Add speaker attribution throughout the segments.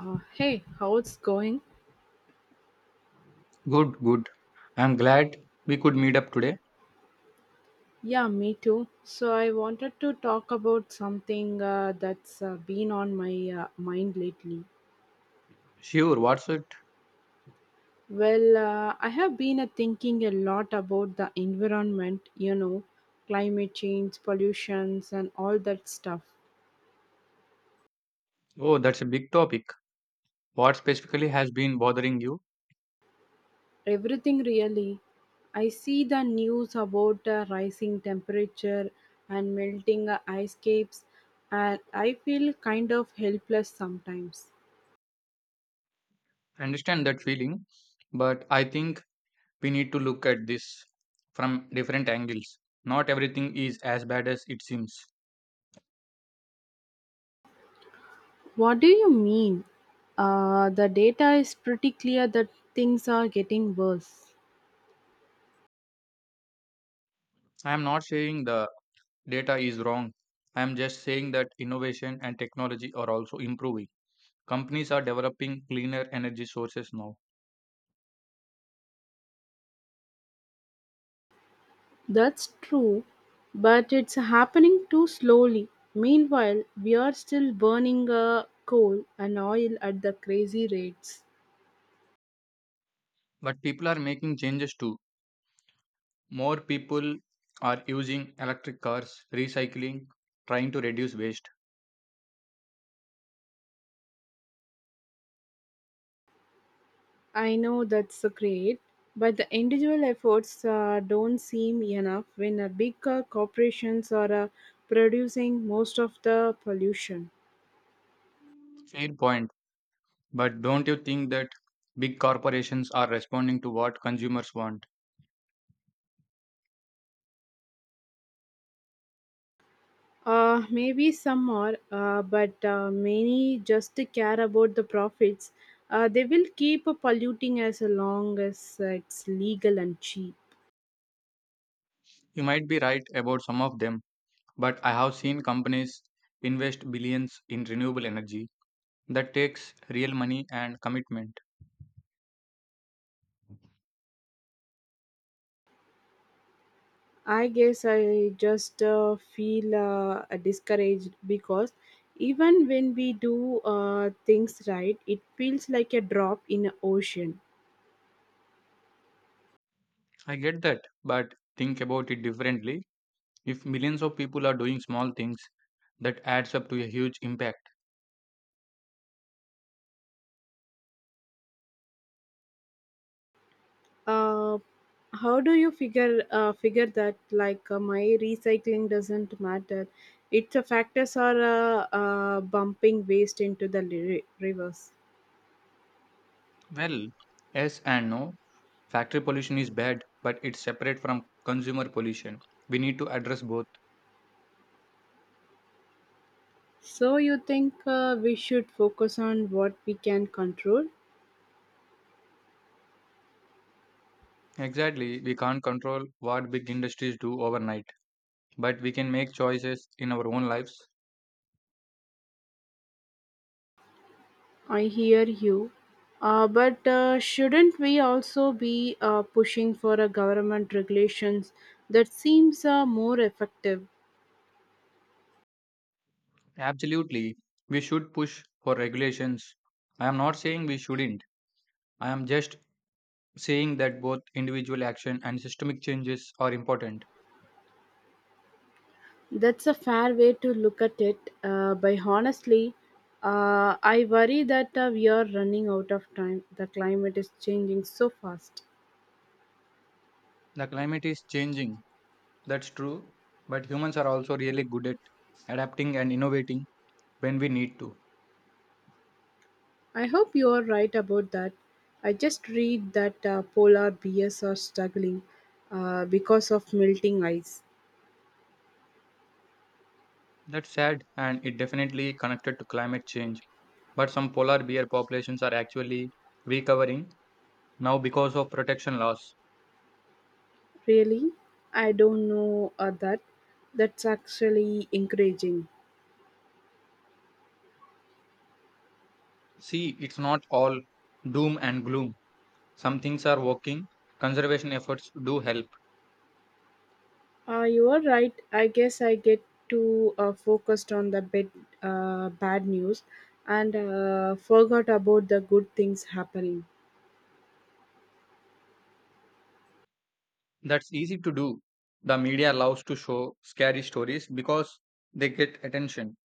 Speaker 1: Hey, how it's going?
Speaker 2: Good, good. I'm glad we could meet up today.
Speaker 1: Yeah, me too. So I wanted to talk about something that's been on my mind lately.
Speaker 2: Sure, what's it?
Speaker 1: Well, I have been thinking a lot about the environment, you know, climate change, pollutions, and all that stuff.
Speaker 2: Oh, that's a big topic. What specifically has been bothering you?
Speaker 1: Everything really. I see the news about rising temperature and melting ice caps, and I feel kind of helpless sometimes.
Speaker 2: I understand that feeling, but I think we need to look at this from different angles. Not everything is as bad as it seems.
Speaker 1: What do you mean? The data is pretty clear that things are getting worse.
Speaker 2: I am not saying the data is wrong. I am just saying that innovation and technology are also improving. Companies are developing cleaner energy sources now,
Speaker 1: That's true, but it's happening too slowly. Meanwhile, we are still burning coal and oil at the crazy rates.
Speaker 2: but people are making changes too. More people are using electric cars, recycling, trying to reduce waste.
Speaker 1: I know that's great, but the individual efforts don't seem enough when big corporations are producing most of the pollution.
Speaker 2: Fair point. But don't you think that big corporations are responding to what consumers want?
Speaker 1: Maybe some are, but many just care about the profits. They will keep polluting as long as it's legal and cheap.
Speaker 2: You might be right about some of them, but I have seen companies invest billions in renewable energy. That takes real money and commitment.
Speaker 1: I guess I just feel discouraged because even when we do things right, it feels like a drop in an ocean.
Speaker 2: I get that, but think about it differently. If millions of people are doing small things, that adds up to a huge impact.
Speaker 1: uh, how do you figure that, like, my recycling doesn't matter? It's a factors are bumping waste into the rivers.
Speaker 2: Well, yes and no. Factory pollution is bad, but it's separate from consumer pollution. We need to address both.
Speaker 1: So you think we should focus on what we can control?
Speaker 2: Exactly, we can't control what big industries do overnight, but we can make choices in our own lives.
Speaker 1: I hear you, but shouldn't we also be pushing for a government regulations? That seems more effective.
Speaker 2: Absolutely, we should push for regulations. I am not saying we shouldn't, I am just saying that both individual action and systemic changes are important.
Speaker 1: That's a fair way to look at it, but honestly, I worry that we are running out of time. The climate is changing so fast.
Speaker 2: The climate is changing, that's true, but humans are also really good at adapting and innovating when we need to.
Speaker 1: I hope you are right about that. I just read that polar bears are struggling because of melting ice.
Speaker 2: That's sad, and it definitely connected to climate change. But some polar bear populations are actually recovering now because of protection laws.
Speaker 1: Really? I don't know that. That's actually encouraging.
Speaker 2: See, it's not all doom and gloom. Some things are working. Conservation efforts do help.
Speaker 1: You are right. I guess I get too focused on the bad news and forgot about the good things happening.
Speaker 2: That's easy to do. The media loves to show scary stories because they get attention.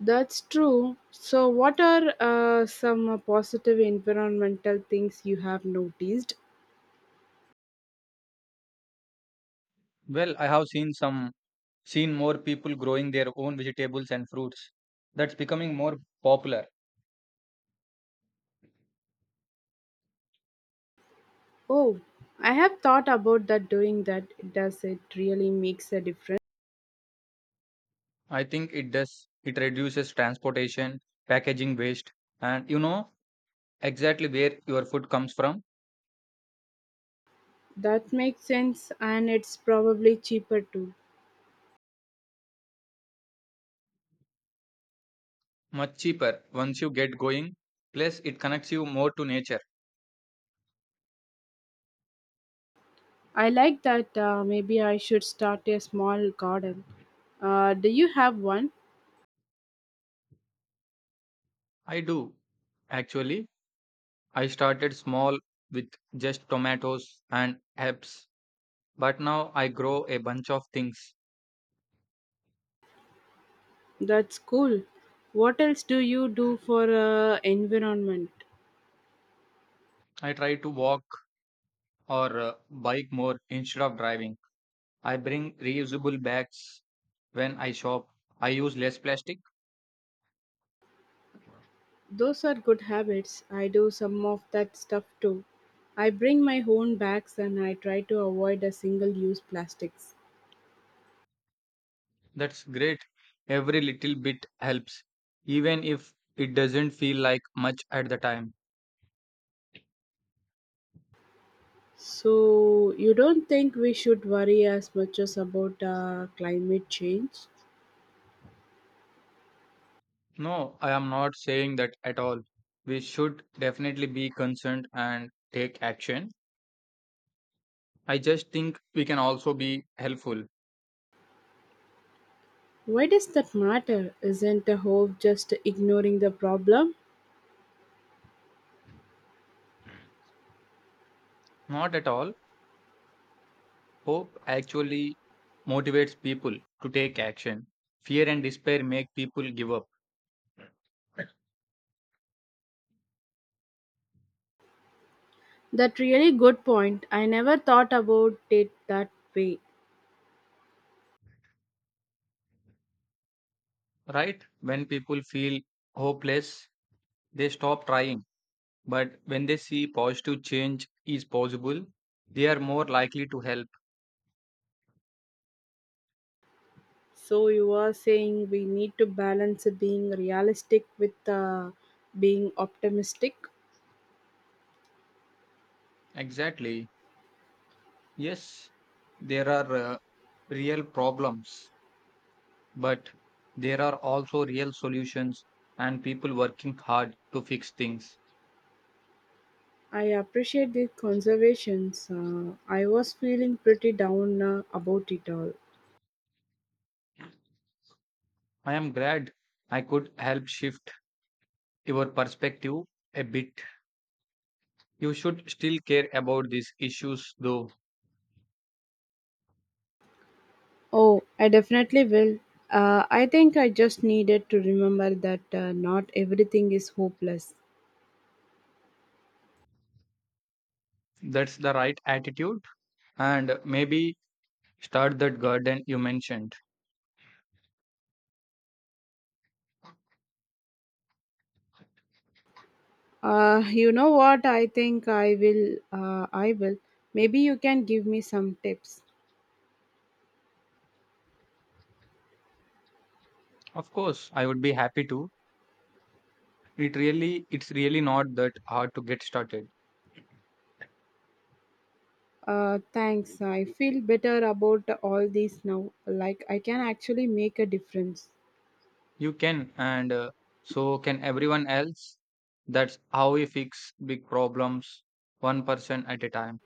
Speaker 1: That's true. So, what are some positive environmental things you have noticed?
Speaker 2: Well, I have seen some seen more people growing their own vegetables and fruits. That's becoming more popular.
Speaker 1: Oh, I have thought about that doing that. Does it really makes a difference?
Speaker 2: I think it does. It reduces transportation, packaging waste, and exactly where your food comes from.
Speaker 1: That makes sense and it's probably cheaper too.
Speaker 2: Much cheaper once you get going. Plus, it connects you more to nature.
Speaker 1: I like that, maybe I should start a small garden. Do you have one?
Speaker 2: I do. Actually, I started small with just tomatoes and herbs, but now I grow a bunch of things.
Speaker 1: That's cool. What else do you do for environment?
Speaker 2: I try to walk or bike more instead of driving. I bring reusable bags when I shop. I use less plastic.
Speaker 1: Those are good habits. I do some of that stuff too. I bring my own bags and I try to avoid a single use plastics.
Speaker 2: That's great. Every little bit helps, even if it doesn't feel like much at the time.
Speaker 1: So, you don't think we should worry as much as about climate change?
Speaker 2: No, I am not saying that at all. We should definitely be concerned and take action. I just think we can also be helpful.
Speaker 1: Why does that matter? Isn't the hope just ignoring the problem?
Speaker 2: Not at all. Hope actually motivates people to take action. Fear and despair make people give up,
Speaker 1: That really good point. I never thought about it that way.
Speaker 2: right? When people feel hopeless, they stop trying. But when they see positive change is possible, they are more likely to help.
Speaker 1: So you are saying we need to balance being realistic with being optimistic.
Speaker 2: Exactly. Yes, there are real problems, but there are also real solutions and people working hard to fix things.
Speaker 1: I appreciate the conservations. I was feeling pretty down about it all.
Speaker 2: I am glad I could help shift your perspective a bit. You should still care about these issues, though.
Speaker 1: Oh, I definitely will. I think I just needed to remember that not everything is hopeless.
Speaker 2: That's the right attitude. And maybe start that garden you mentioned.
Speaker 1: You know what? I think I will. Maybe you can give me some tips.
Speaker 2: Of course, I would be happy to. It's really not that hard to get started.
Speaker 1: Thanks. I feel better about all these now. Like I can actually make a difference.
Speaker 2: You can, and so can everyone else. That's how we fix big problems, one person at a time.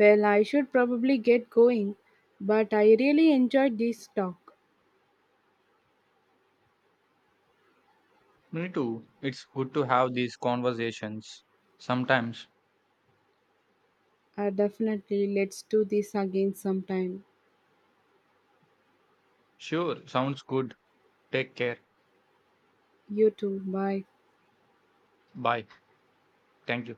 Speaker 1: Well, I should probably get going, but I really enjoyed this talk.
Speaker 2: Me too. It's good to have these conversations sometimes.
Speaker 1: Definitely, let's do this again sometime.
Speaker 2: Sure, sounds good. Take care.
Speaker 1: You too. Bye.
Speaker 2: Bye. Thank you.